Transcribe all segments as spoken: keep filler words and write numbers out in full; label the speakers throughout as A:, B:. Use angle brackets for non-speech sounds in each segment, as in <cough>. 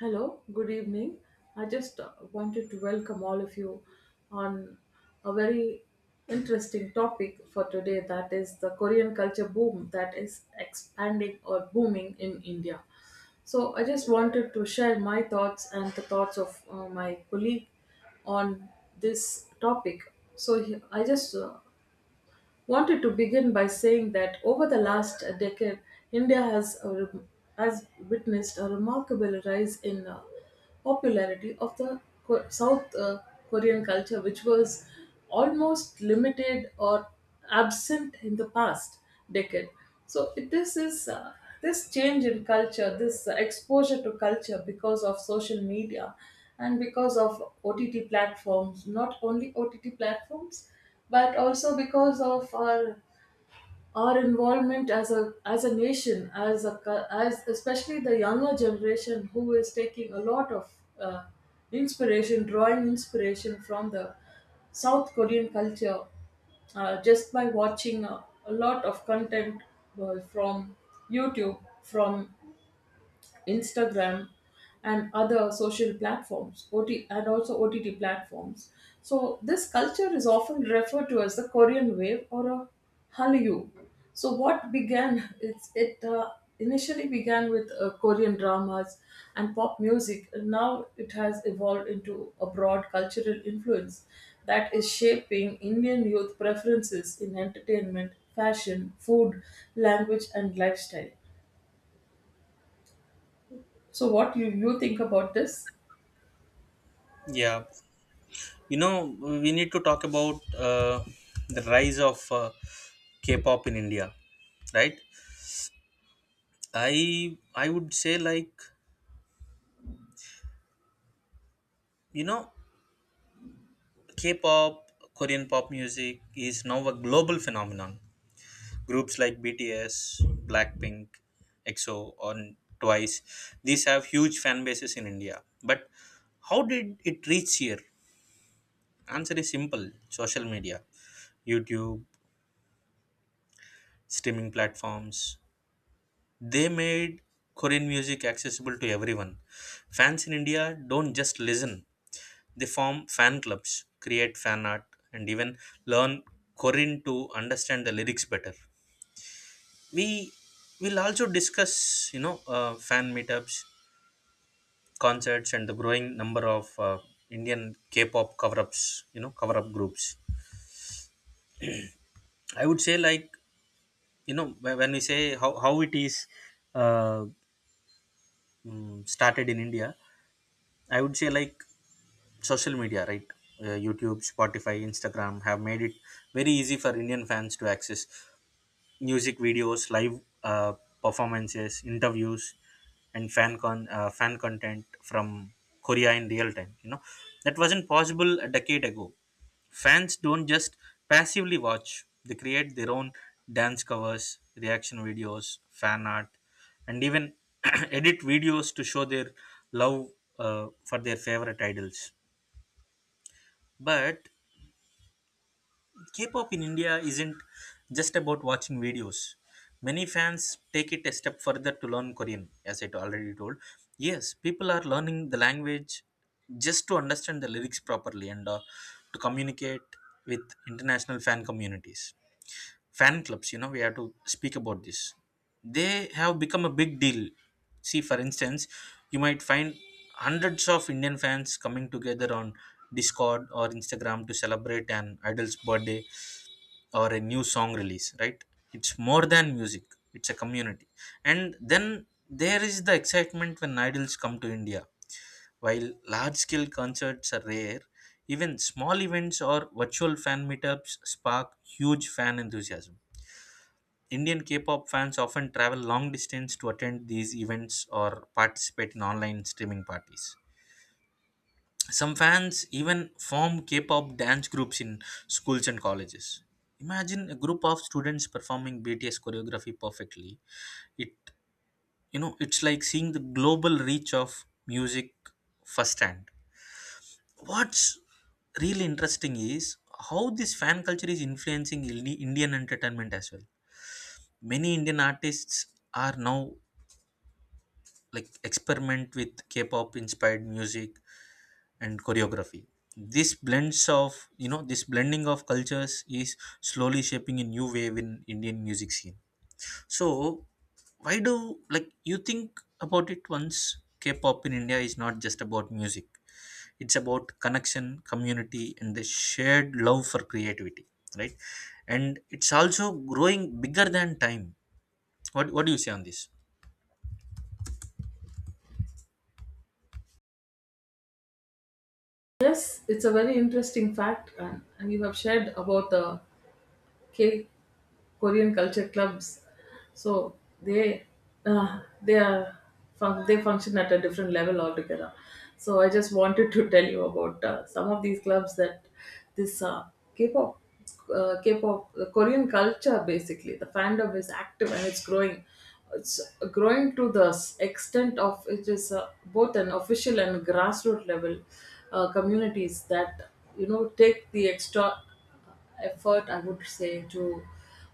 A: Hello, good evening. I just uh, wanted to welcome all of you on a very interesting topic for today, that is the Korean culture boom that is expanding or booming in India. So, I just wanted to share my thoughts and the thoughts of uh, my colleague on this topic. So, he- I just uh, wanted to begin by saying that over the last decade, India has, a rem- has witnessed a remarkable rise in uh, popularity of the Co- South uh, Korean culture, which was almost limited or absent in the past decade. So it- this is uh, this change in culture, this exposure to culture because of social media and because of O T T platforms, not only O T T platforms but also because of our our involvement as a as a nation as a cul- as especially the younger generation who is taking a lot of uh, inspiration, drawing inspiration from the South Korean culture, uh, just by watching a, a lot of content uh, from YouTube, from Instagram, and other social platforms, O T, and also O T T platforms. So this culture is often referred to as the Korean wave or a Hallyu. So what began it's it uh, initially began with uh, Korean dramas and pop music, and now it has evolved into a broad cultural influence that is shaping Indian youth preferences in entertainment, fashion, food, language, and lifestyle. So what you, you think about this?
B: Yeah, you know, we need to talk about uh, the rise of uh, K-pop in India, right? I I would say like you know, K-pop, Korean pop music is now a global phenomenon. Groups like B T S, Blackpink, EXO, or Twice, these have huge fan bases in India. But how did it reach here? Answer is simple: social media, YouTube, streaming platforms, they made Korean music accessible to everyone. Fans in India don't just listen, they form fan clubs, create fan art, and even learn Korean to understand the lyrics better. We will also discuss, you know, uh, fan meetups, concerts, and the growing number of uh, Indian K pop cover ups, you know, cover up groups. I would say, like, you know, wh- when we say how, how it is uh, mm, started in India, I would say, like, social media, right? Uh, YouTube, Spotify, Instagram have made it very easy for Indian fans to access music videos, live uh, performances, interviews, and fan con uh, fan content from Korea in real time. You know that wasn't possible a decade ago. Fans don't just passively watch; they create their own dance covers, reaction videos, fan art, and even <clears throat> edit videos to show their love uh, for their favorite idols. But K-pop in India isn't just about watching videos. Many fans take it a step further to learn Korean, as I already told. Yes, people are learning the language just to understand the lyrics properly and uh, to communicate with international fan communities, fan clubs. You know we have to speak about this. They have become a big deal. See, for instance, you might find hundreds of Indian fans coming together on Discord or Instagram to celebrate an idol's birthday or a new song release, right? It's more than music, it's a community. And then there is the excitement when idols come to India. While large scale concerts are rare, even small events or virtual fan meetups spark huge fan enthusiasm. Indian K-pop fans often travel long distance to attend these events or participate in online streaming parties. Some fans even form K-pop dance groups in schools and colleges. Imagine a group of students performing B T S choreography perfectly. It you know it's like seeing the global reach of music firsthand. What's really interesting is how this fan culture is influencing Indi- Indian entertainment as well. Many Indian artists are now, like, experiment with K-pop inspired music and choreography. This blends of you know this blending of cultures is slowly shaping a new wave in Indian music scene. So why do, like, you think about it once K-pop in India is not just about music, it's about connection, community, and the shared love for creativity, right? And it's also growing bigger than time. What what do you say on this?
A: Yes, it's a very interesting fact, and, and you have shared about the cake Korean culture clubs. So they uh, they are fun- they function at a different level altogether. So I just wanted to tell you about uh, some of these clubs that this uh, K-pop. Uh, K-pop, the Korean culture basically, the fandom is active and it's growing. It's growing to the s- extent of, it is uh, both an official and grassroots level uh, communities that, you know, take the extra effort, I would say, to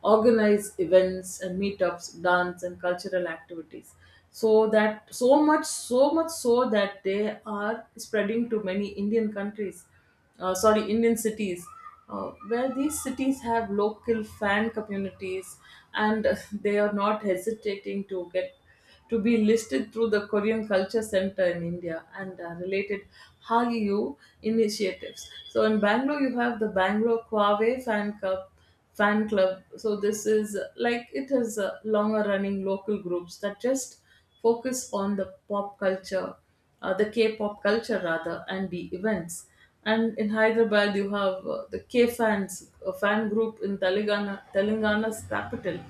A: organize events and meetups, dance and cultural activities. So that so much, so much so that they are spreading to many Indian countries, uh, sorry, Indian cities, uh, where these cities have local fan communities, and <laughs> uh, they are not hesitating to get to be listed through the Korean Culture Center in India and uh, related Hallyu initiatives. So in Bangalore, you have the Bangalore Kwave Fan Club. Fan club. So this is uh, like, it is uh, longer running local groups that just focus on the pop culture, uh, the K-pop culture rather, and the events. And in Hyderabad, you have uh, the K fans, a fan group in Telangana, Telangana's capital.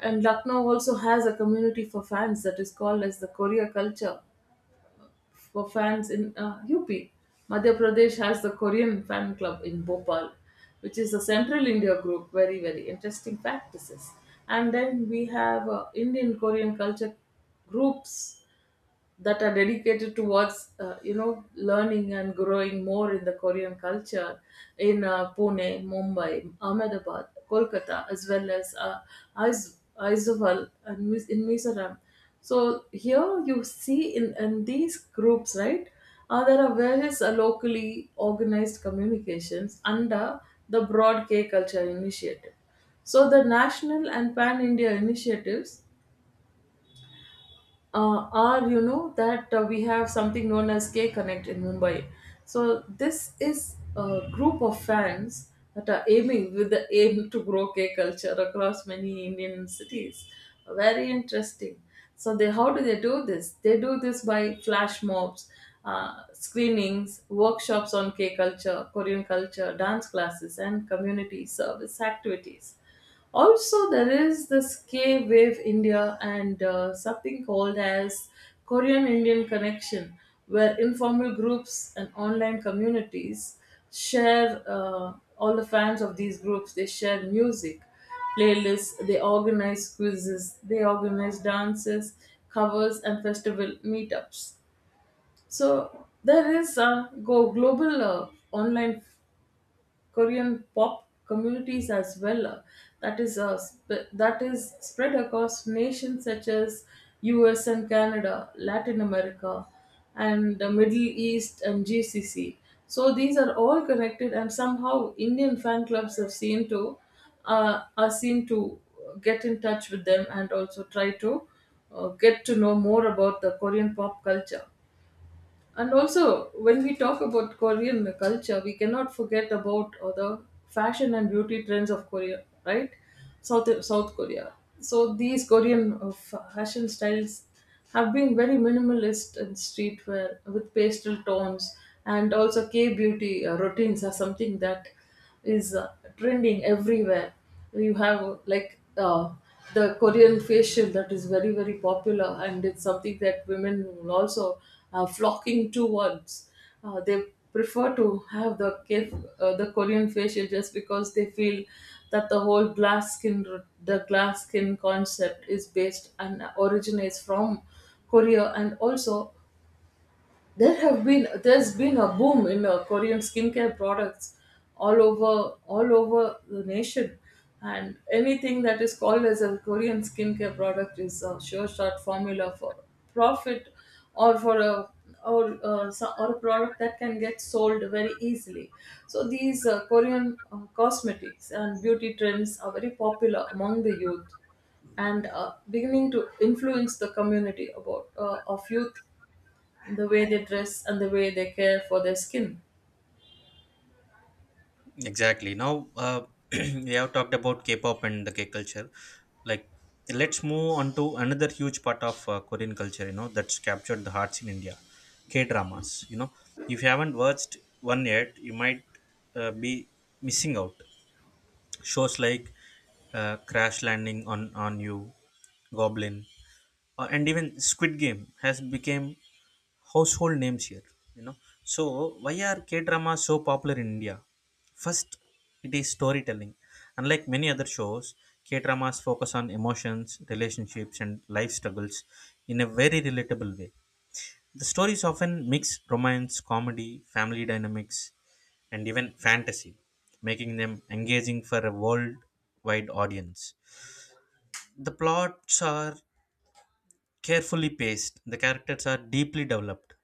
A: And Lucknow also has a community for fans that is called as the Korea Culture for fans in uh, U P. Madhya Pradesh has the Korean fan club in Bhopal, which is a central India group. Very, very interesting practices. And then we have uh, Indian Korean culture groups that are dedicated towards, uh, you know, learning and growing more in the Korean culture in uh, Pune, Mumbai, Ahmedabad, Kolkata, as well as uh, Aiz- Aizawl and Mis- in Mizoram. So here you see in, in these groups, right? Uh, there are various uh, locally organized communications under the Broad K Culture Initiative. So the national and pan India initiatives, uh, are, you know, that, uh, we have something known as K Connect in Mumbai. So this is a group of fans that are aiming, with the aim <laughs> to grow K culture across many Indian cities. Very interesting. So they how do they do this? They do this by flash mobs, uh, screenings, workshops on K culture, Korean culture, dance classes, and community service activities. Also, there is this K Wave India and uh, something called as Korean Indian Connection, where informal groups and online communities share uh, all the fans of these groups. They share music, playlists, they organize quizzes, they organize dances, covers, and festival meetups. So there is a go global uh, online Korean pop communities as well. uh, That is uh, sp- that is spread across nations such as U S and Canada, Latin America, and the Middle East and G C C. So these are all connected, and somehow Indian fan clubs have seen to uh, are seen to get in touch with them and also try to uh, get to know more about the Korean pop culture. And also, when we talk about Korean culture, we cannot forget about uh, the fashion and beauty trends of Korea, right? South South Korea. So these Korean uh, fashion styles have been very minimalist in streetwear with pastel tones, and also K beauty uh, routines are something that is uh, trending everywhere. You have like uh, the Korean facial that is very, very popular, and it's something that women will also are flocking towards. Uh, they prefer to have the K- uh, the Korean facial just because they feel that the whole glass skin the glass skin concept is based and originates from Korea, and also there have been there's been a boom in uh, Korean skincare products all over all over the nation, and anything that is called as a Korean skincare product is a sure shot formula for profit, or for a, or, uh, so- or a product that can get sold very easily. So, these uh, Korean uh, cosmetics and beauty trends are very popular among the youth and uh, beginning to influence the community about uh, of youth, the way they dress and the way they care for their skin.
B: Exactly. Now, uh, <clears throat> we have talked about K-pop and the K culture. Like, let's move on to another huge part of uh, Korean culture. You know, that's captured the hearts in India. K-dramas. You know, if you haven't watched one yet, you might uh, be missing out. Shows like uh, Crash Landing on on You, Goblin, uh, and even Squid Game has become household names here you know so why are k dramas so popular in India? First, it is storytelling. Unlike many other shows, k dramas focus on emotions, relationships, and life struggles in a very relatable way. The stories often mix romance, comedy, family dynamics, and even fantasy, making them engaging for a worldwide audience. The plots are carefully paced. The characters are deeply developed,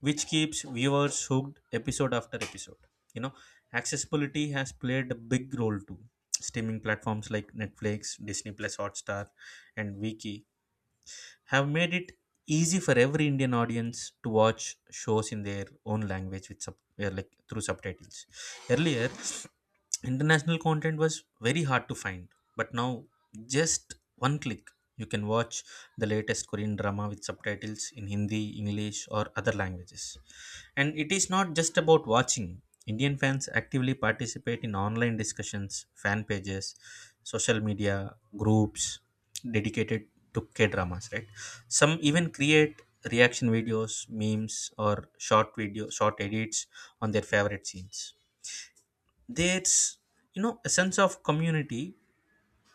B: which keeps viewers hooked episode after episode. You know, accessibility has played a big role too. Streaming platforms like Netflix, Disney Plus Hotstar, and Viki have made it easy for every Indian audience to watch shows in their own language with sub, uh, like through subtitles. Earlier, international content was very hard to find, but now, just one click, you can watch the latest Korean drama with subtitles in Hindi, English, or other languages. And it is not just about watching. Indian fans actively participate in online discussions, fan pages, social media groups dedicated to K dramas, right? Some even create reaction videos, memes, or short video, short edits on their favorite scenes. There's, you know, a sense of community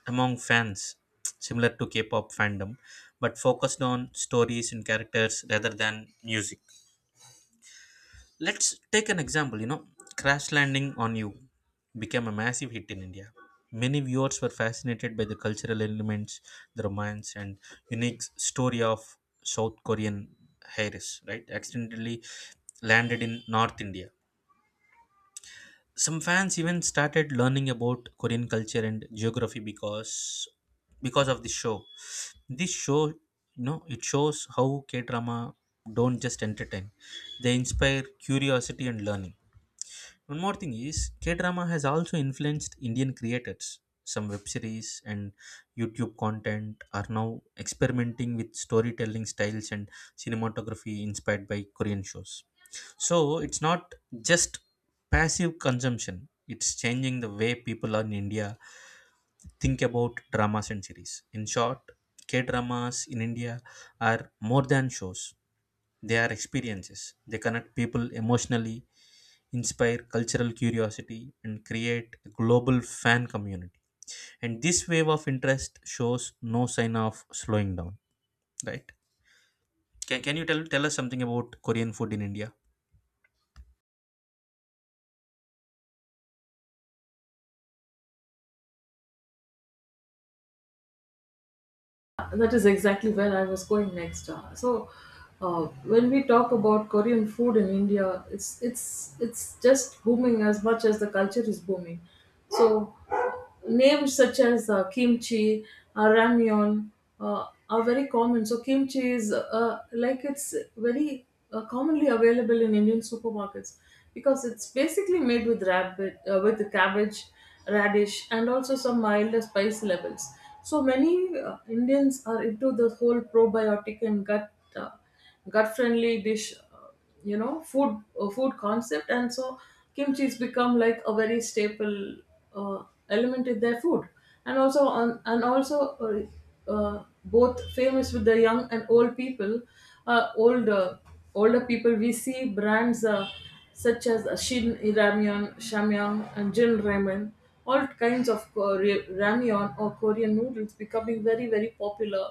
B: among fans, similar to K-pop fandom, but focused on stories and characters rather than music. Let's take an example. you know Crash Landing on You became a massive hit in India. Many viewers were fascinated by the cultural elements, the romance, and unique story of South Korean heiress, right, accidentally landed in North India. Some fans even started learning about Korean culture and geography because because of this show. This show, you know it shows how k drama don't just entertain, they inspire curiosity and learning. One more thing is K drama has also influenced Indian creators. Some web series and YouTube content are now experimenting with storytelling styles and cinematography inspired by Korean shows. So it's not just passive consumption, it's changing the way people in India think about dramas and series. In short, K dramas in India are more than shows, they are experiences. They connect people emotionally, inspire cultural curiosity, and create a global fan community. And this wave of interest shows no sign of slowing down, right? Can, can you tell, tell us something about Korean food in India?
A: That is exactly where I was going next. Uh, so, uh, when we talk about Korean food in India, it's it's it's just booming as much as the culture is booming. So, names such as uh, kimchi, uh, ramyeon uh, are very common. So, kimchi is uh, like, it's very uh, commonly available in Indian supermarkets because it's basically made with rabbit uh, with cabbage, radish, and also some milder spice levels. So many uh, Indians are into the whole probiotic and gut uh, gut friendly dish, uh, you know, food uh, food concept, and so kimchi's become like a very staple uh, element in their food, and also on and also, uh, uh, both famous with the young and old people, uh, old uh, older people. We see brands uh, such as Shin Ramyun, Shamyang, and Jin Ramen, all kinds of Kore- ramyeon or Korean noodles, becoming very, very popular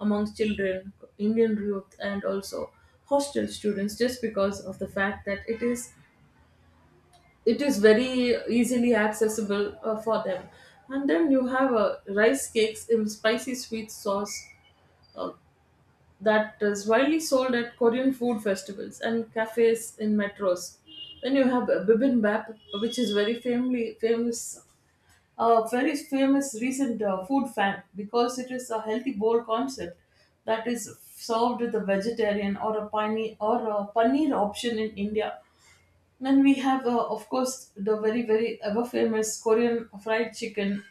A: amongst children, Indian youth, and also hostel students just because of the fact that it is it is very easily accessible uh, for them. And then you have uh, rice cakes in spicy sweet sauce uh, that is widely sold at Korean food festivals and cafes in metros. Then you have uh, bibimbap, which is very family famous a very famous recent uh, food fan, because it is a healthy bowl concept that is served with a vegetarian or a paneer or a paneer option in India. Then we have, uh, of course, the very, very ever famous Korean fried chicken,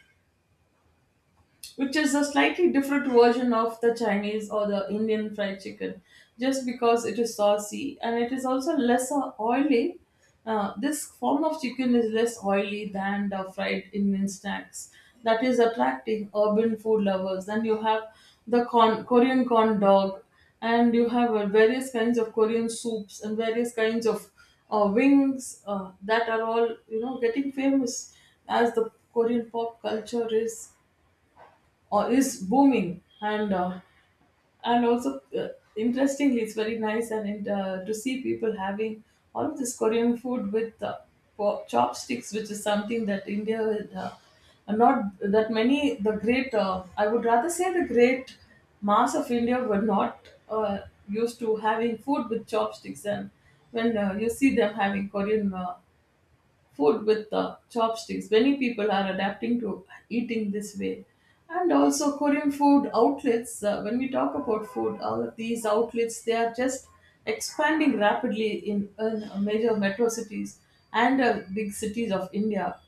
A: which is a slightly different version of the Chinese or the Indian fried chicken, just because it is saucy and it is also lesser oily. Uh, this form of chicken is less oily than the fried Indian snacks. That is attracting urban food lovers. Then you have the corn, Korean corn dog, and you have uh, various kinds of Korean soups and various kinds of uh, wings uh, that are all, you know, getting famous as the Korean pop culture is or is booming. And uh, and also uh, interestingly, it's very nice and uh, to see people having all of this Korean food with uh, po- chopsticks, which is something that india would, uh, not that many the great, uh, I would rather say the great mass of India, were not uh, used to having food with chopsticks. And when uh, you see them having Korean uh, food with uh, chopsticks, many people are adapting to eating this way. And also Korean food outlets, uh, when we talk about food, all of these outlets, they are just expanding rapidly in, in major metro cities and uh, big cities of India.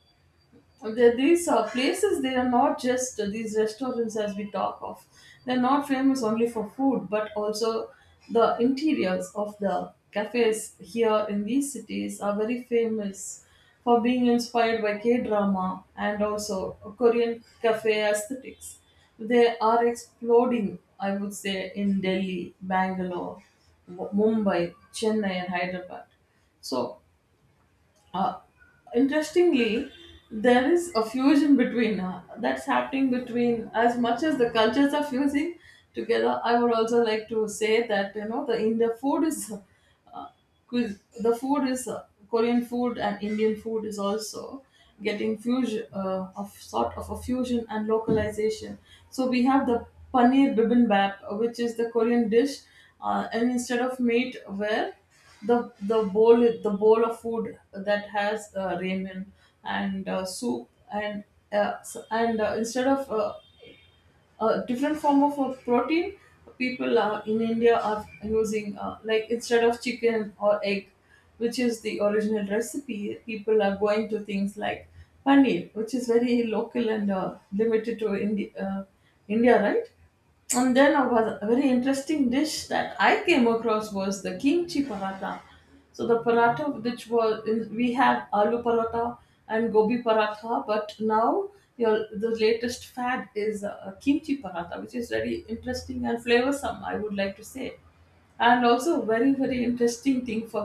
A: Well, there, these uh, places, they are not just uh, these restaurants, as we talk of. They're not famous only for food, but also the interiors of the cafes here in these cities are very famous for being inspired by K drama and also Korean cafe aesthetics. They are exploding, I would say, in Delhi, Bangalore, Mu- Mumbai, Chennai, and Hyderabad. So, uh, interestingly, there is a fusion between uh, that's happening between, as much as the cultures are fusing together, I would also like to say that, you know, the india food is because the food is, uh, Korean food and Indian food, is also getting fusion uh, of sort of a fusion and localization. So we have the paneer bibimbap, uh, which is the Korean dish, uh, and instead of meat, where the the bowl the bowl of food that has uh, ramen and uh, soup and uh, s- and uh, instead of uh, a different form of a protein, people, uh, in India, are using, uh, like, instead of chicken or egg, which is the original recipe, people are going to things like paneer, which is very local and uh, limited to Indi- uh, india, right? And then a, was- a very interesting dish that I came across was the kimchi paratha. So the paratha, which was in, we have aloo paratha and gobi paratha, but now your the latest fad is uh, kimchi paratha, which is very interesting and flavorsome, I would like to say. And also, very, very interesting thing for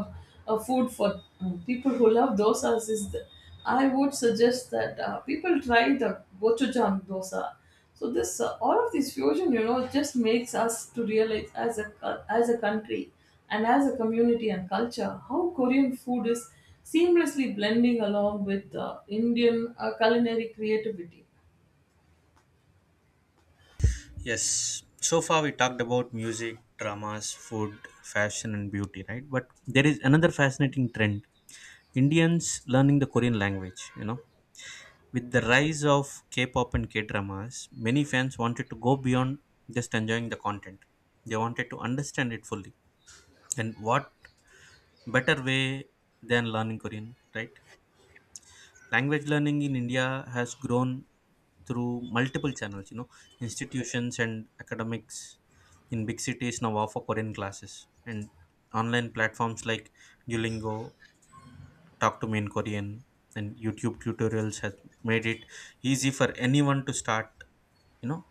A: uh, food, for uh, people who love dosas, is. The, I would suggest that uh, people try the gochujang dosa. So this uh, all of this fusion, you know, just makes us to realize, as a, as a country, and as a community and culture, how Korean food is seamlessly blending along with uh, Indian uh, culinary creativity.
B: Yes. So far, we talked about music, dramas, food, fashion, and beauty, right? But there is another fascinating trend, Indians learning the Korean language, you know. With the rise of K pop and K dramas, many fans wanted to go beyond just enjoying the content. They wanted to understand it fully. And what better way than learning Korean, right? Language learning in India has grown through multiple channels. You know, institutions and academics in big cities now offer Korean classes, and online platforms like Duolingo, Talk to Me in Korean, and YouTube tutorials has made it easy for anyone to start, you know,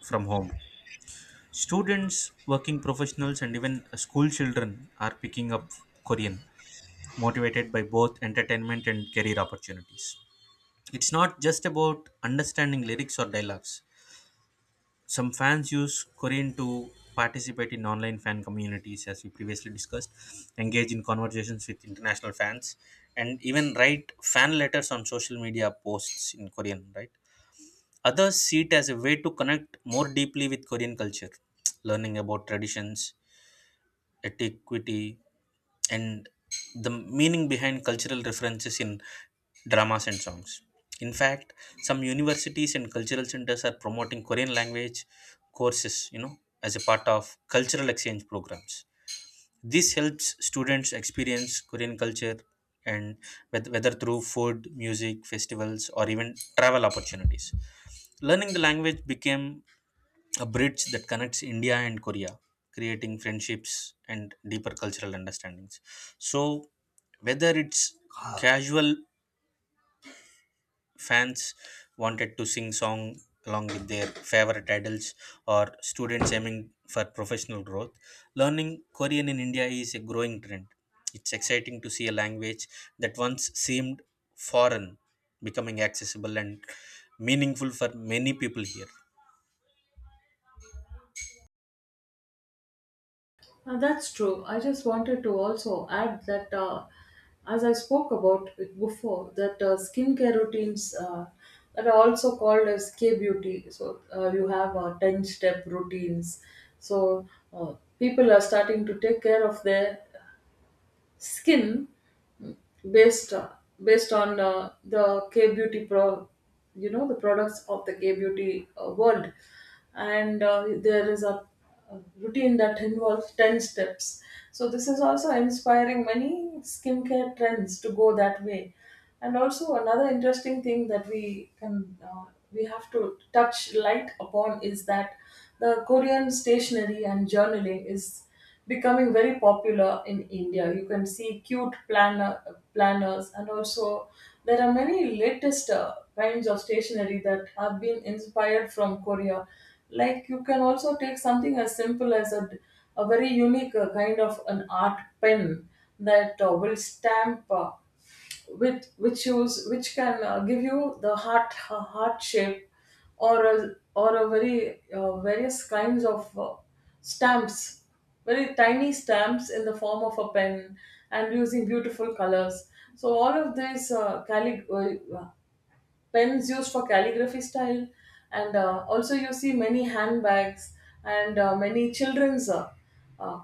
B: from home. Students, working professionals, and even school children are picking up Korean, motivated by both entertainment and career opportunities. It's not just about understanding lyrics or dialogues. Some fans use Korean to participate in online fan communities, as we previously discussed, engage in conversations with international fans, and even write fan letters on social media posts in Korean, right? Others see it as a way to connect more deeply with Korean culture, learning about traditions, etiquette, and the meaning behind cultural references in dramas and songs. In fact, some universities and cultural centers are promoting Korean language courses, you know, as a part of cultural exchange programs. This helps students experience Korean culture and wheth- whether through food, music, festivals, or even travel opportunities. Learning the language became a bridge that connects India and Korea, creating friendships and deeper cultural understandings. So, whether it's casual fans wanted to sing song along with their favorite idols or students aiming for professional growth, learning Korean in India is a growing trend. It's exciting to see a language that once seemed foreign becoming accessible and meaningful for many people here.
A: Uh, that's true. I just wanted to also add that, uh, as I spoke about it before, that uh, skincare routines uh, that are also called as K beauty. So uh, you have uh, ten step routines. So uh, people are starting to take care of their skin, based based on uh, the K beauty pro, you know the products of the K beauty uh, world, and uh, there is a, a routine that involves ten steps. So this is also inspiring many skincare trends to go that way. And also another interesting thing that we can uh, we have to touch light upon is that the Korean stationery and journaling is becoming very popular in India. You can see cute planner, planners, and also there are many latest uh, kinds of stationery that have been inspired from Korea. Like, you can also take something as simple as a, a very unique uh, kind of an art pen that uh, will stamp, Uh, which which shows which can uh, give you the heart uh, heart shape, or a, or a very uh, various kinds of uh, stamps, very tiny stamps, in the form of a pen, and using beautiful colors. So all of these uh, callig- uh, uh, pens used for calligraphy style. And uh, also you see many handbags, and uh, many children's uh, uh,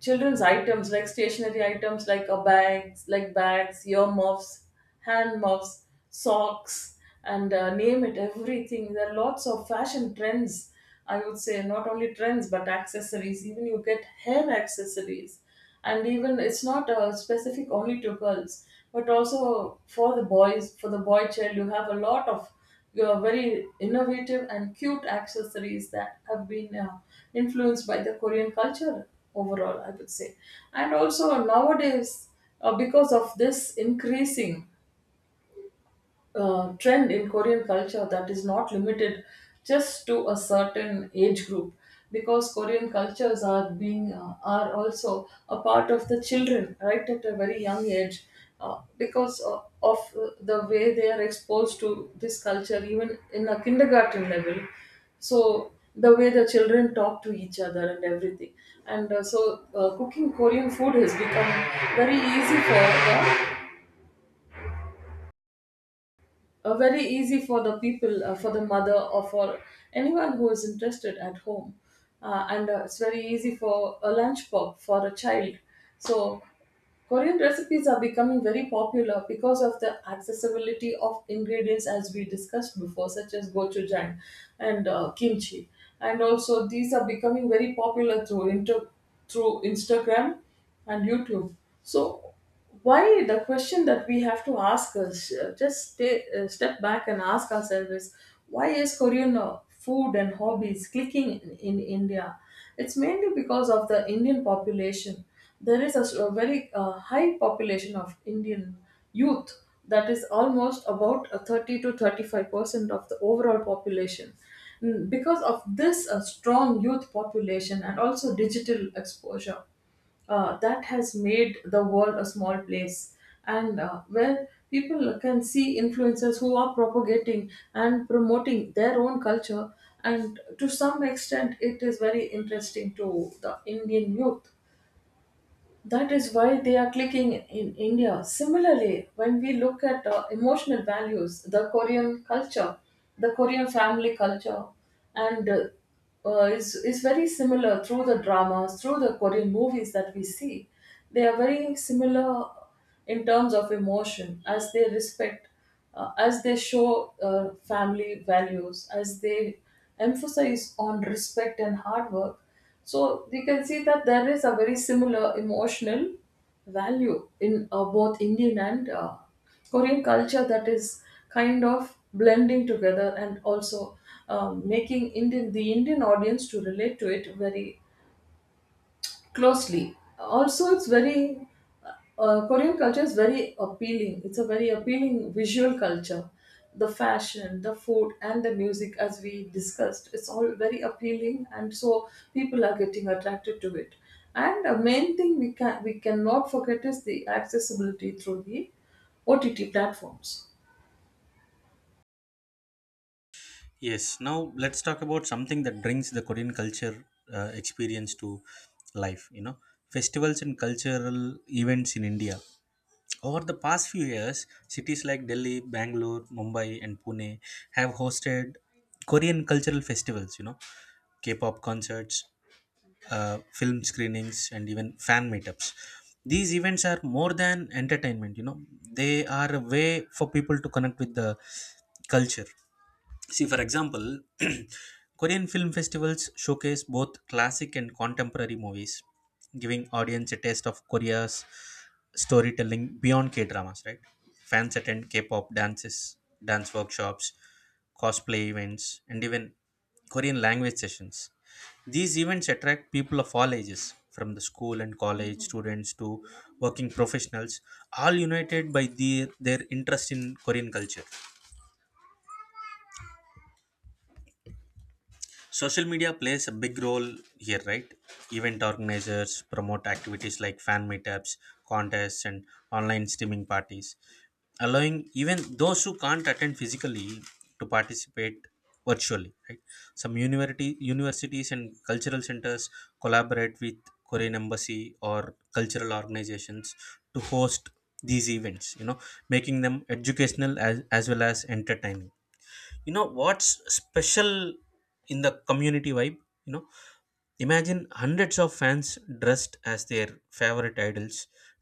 A: Children's items, like stationary items, like a bags, like bags, earmuffs, hand muffs, socks, and uh, name it, everything. There are lots of fashion trends. I would say, not only trends but accessories. Even you get hair accessories, and even it's not uh, specific only to girls but also for the boys for the boy child. You have a lot of your very innovative and cute accessories that have been uh, influenced by the Korean culture, overall, I would say. And also nowadays, uh, because of this increasing uh, trend in Korean culture that is not limited just to a certain age group, because Korean cultures are being uh, are also a part of the children right at a very young age, uh, because uh, of uh, the way they are exposed to this culture, even in a kindergarten level. So the way the children talk to each other and everything, and uh, so uh, cooking Korean food has become very easy for them, uh, very easy for the people, uh, for the mother, or for anyone who is interested at home. Uh, and uh, it's very easy for a lunch pop for a child. So, Korean recipes are becoming very popular because of the accessibility of ingredients, as we discussed before, such as gochujang and uh, kimchi. And also, these are becoming very popular through inter- through Instagram and YouTube. So, why, the question that we have to ask us, uh, just stay, uh, step back and ask ourselves, is why is Korean uh, food and hobbies clicking in, in India? It's mainly because of the Indian population. There is a, s- a very uh, high population of Indian youth, that is almost about a thirty to thirty-five percent of the overall population. Mm, because of this uh, strong youth population, and also digital exposure uh, that has made the world a small place, and uh, where people can see influencers who are propagating and promoting their own culture, and to some extent it is very interesting to the Indian youth. That is why they are clicking in India. Similarly, when we look at uh, emotional values, the Korean culture, the Korean family culture, and uh, uh, is is very similar through the dramas, through the Korean movies that we see. They are very similar in terms of emotion, as they respect, uh, as they show uh, family values, as they emphasize on respect and hard work. So you can see that there is a very similar emotional value in uh, both Indian and uh, Korean culture that is kind of blending together, and also, um, making Indian the Indian audience to relate to it very closely. Also, it's very, uh, uh, Korean culture is very appealing. It's a very appealing visual culture. The fashion, the food, and the music, as we discussed, it's all very appealing, and so people are getting attracted to it. And the main thing we can we cannot forget is the accessibility through the O T T platforms.
B: Yes, now let's talk about something that brings the Korean culture uh, experience to life. You know, festivals and cultural events in India. Over the past few years, cities like Delhi, Bangalore, Mumbai, and Pune have hosted Korean cultural festivals, you know, K pop concerts, uh, film screenings, and even fan meetups. These events are more than entertainment, you know, they are a way for people to connect with the culture. See, for example, <clears throat> Korean film festivals showcase both classic and contemporary movies, giving audience a taste of Korea's storytelling beyond K dramas, right? Fans attend K pop dances, dance workshops, cosplay events, and even Korean language sessions. These events attract people of all ages, from the school and college students to working professionals, all united by the, their interest in Korean culture. Social media plays a big role here, right? Event organizers promote activities like fan meetups, contests, and online streaming parties, allowing even those who can't attend physically to participate virtually, right? Some university, universities and cultural centers collaborate with Korean embassy or cultural organizations to host these events, you know, making them educational as, as well as entertaining. You know what's special in the community vibe? you know Imagine hundreds of fans dressed as their favorite idols,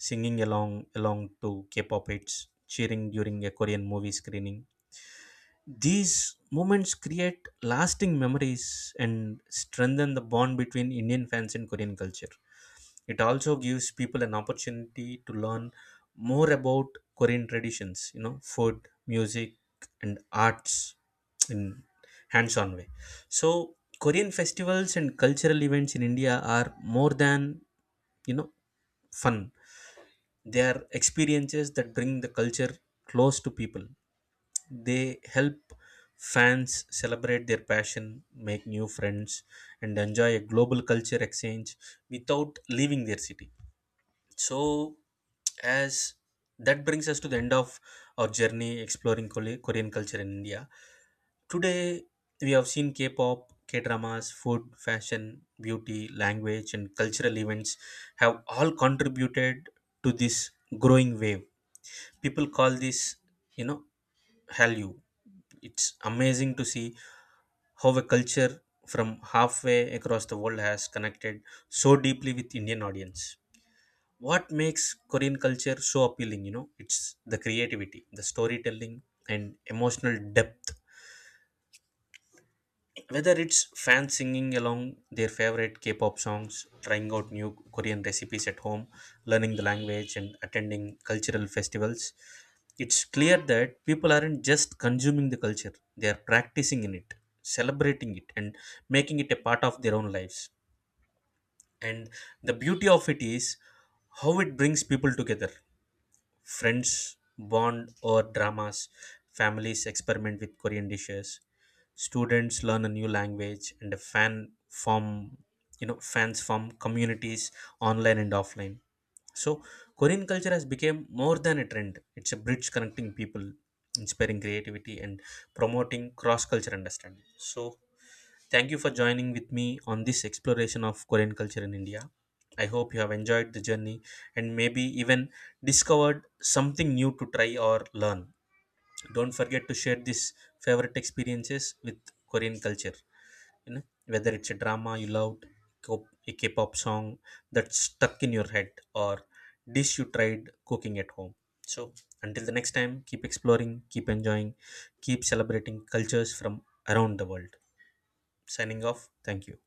B: singing along along to K-pop hits, cheering during a Korean movie screening. These moments create lasting memories and strengthen the bond between Indian fans and Korean culture. It also gives people an opportunity to learn more about Korean traditions, you know, food, music, and arts in hands-on way. So Korean festivals and cultural events in India are more than you know fun, they are experiences that bring the culture close to people. They help fans celebrate their passion, make new friends, and enjoy a global culture exchange without leaving their city. So, as that brings us to the end of our journey exploring Kole- Korean culture in India. Today, we have seen K pop, K dramas, food, fashion, beauty, language, and cultural events have all contributed to this growing wave. People call this, you know, Hallyu. It's amazing to see how a culture from halfway across the world has connected so deeply with Indian audience. What makes Korean culture so appealing? You know it's the creativity, the storytelling, and emotional depth. Whether it's fans singing along their favorite K-pop songs, trying out new Korean recipes at home, learning the language, and attending cultural festivals, it's clear that people aren't just consuming the culture, they are practicing in it, celebrating it, and making it a part of their own lives. And the beauty of it is how it brings people together. Friends bond over dramas, families experiment with Korean dishes, students learn a new language, and a fan form you know fans form communities online and offline. So Korean culture has become more than a trend. It's a bridge connecting people, inspiring creativity, and promoting cross-culture understanding. So thank you for joining with me on this exploration of Korean culture in India. I hope you have enjoyed the journey and maybe even discovered something new to try or learn. Don't forget to share these favorite experiences with Korean culture. You know, whether it's a drama you loved, ko- a K-pop song that's stuck in your head, or dish you tried cooking at home. So until the next time, keep exploring, keep enjoying, keep celebrating cultures from around the world. Signing off. Thank you.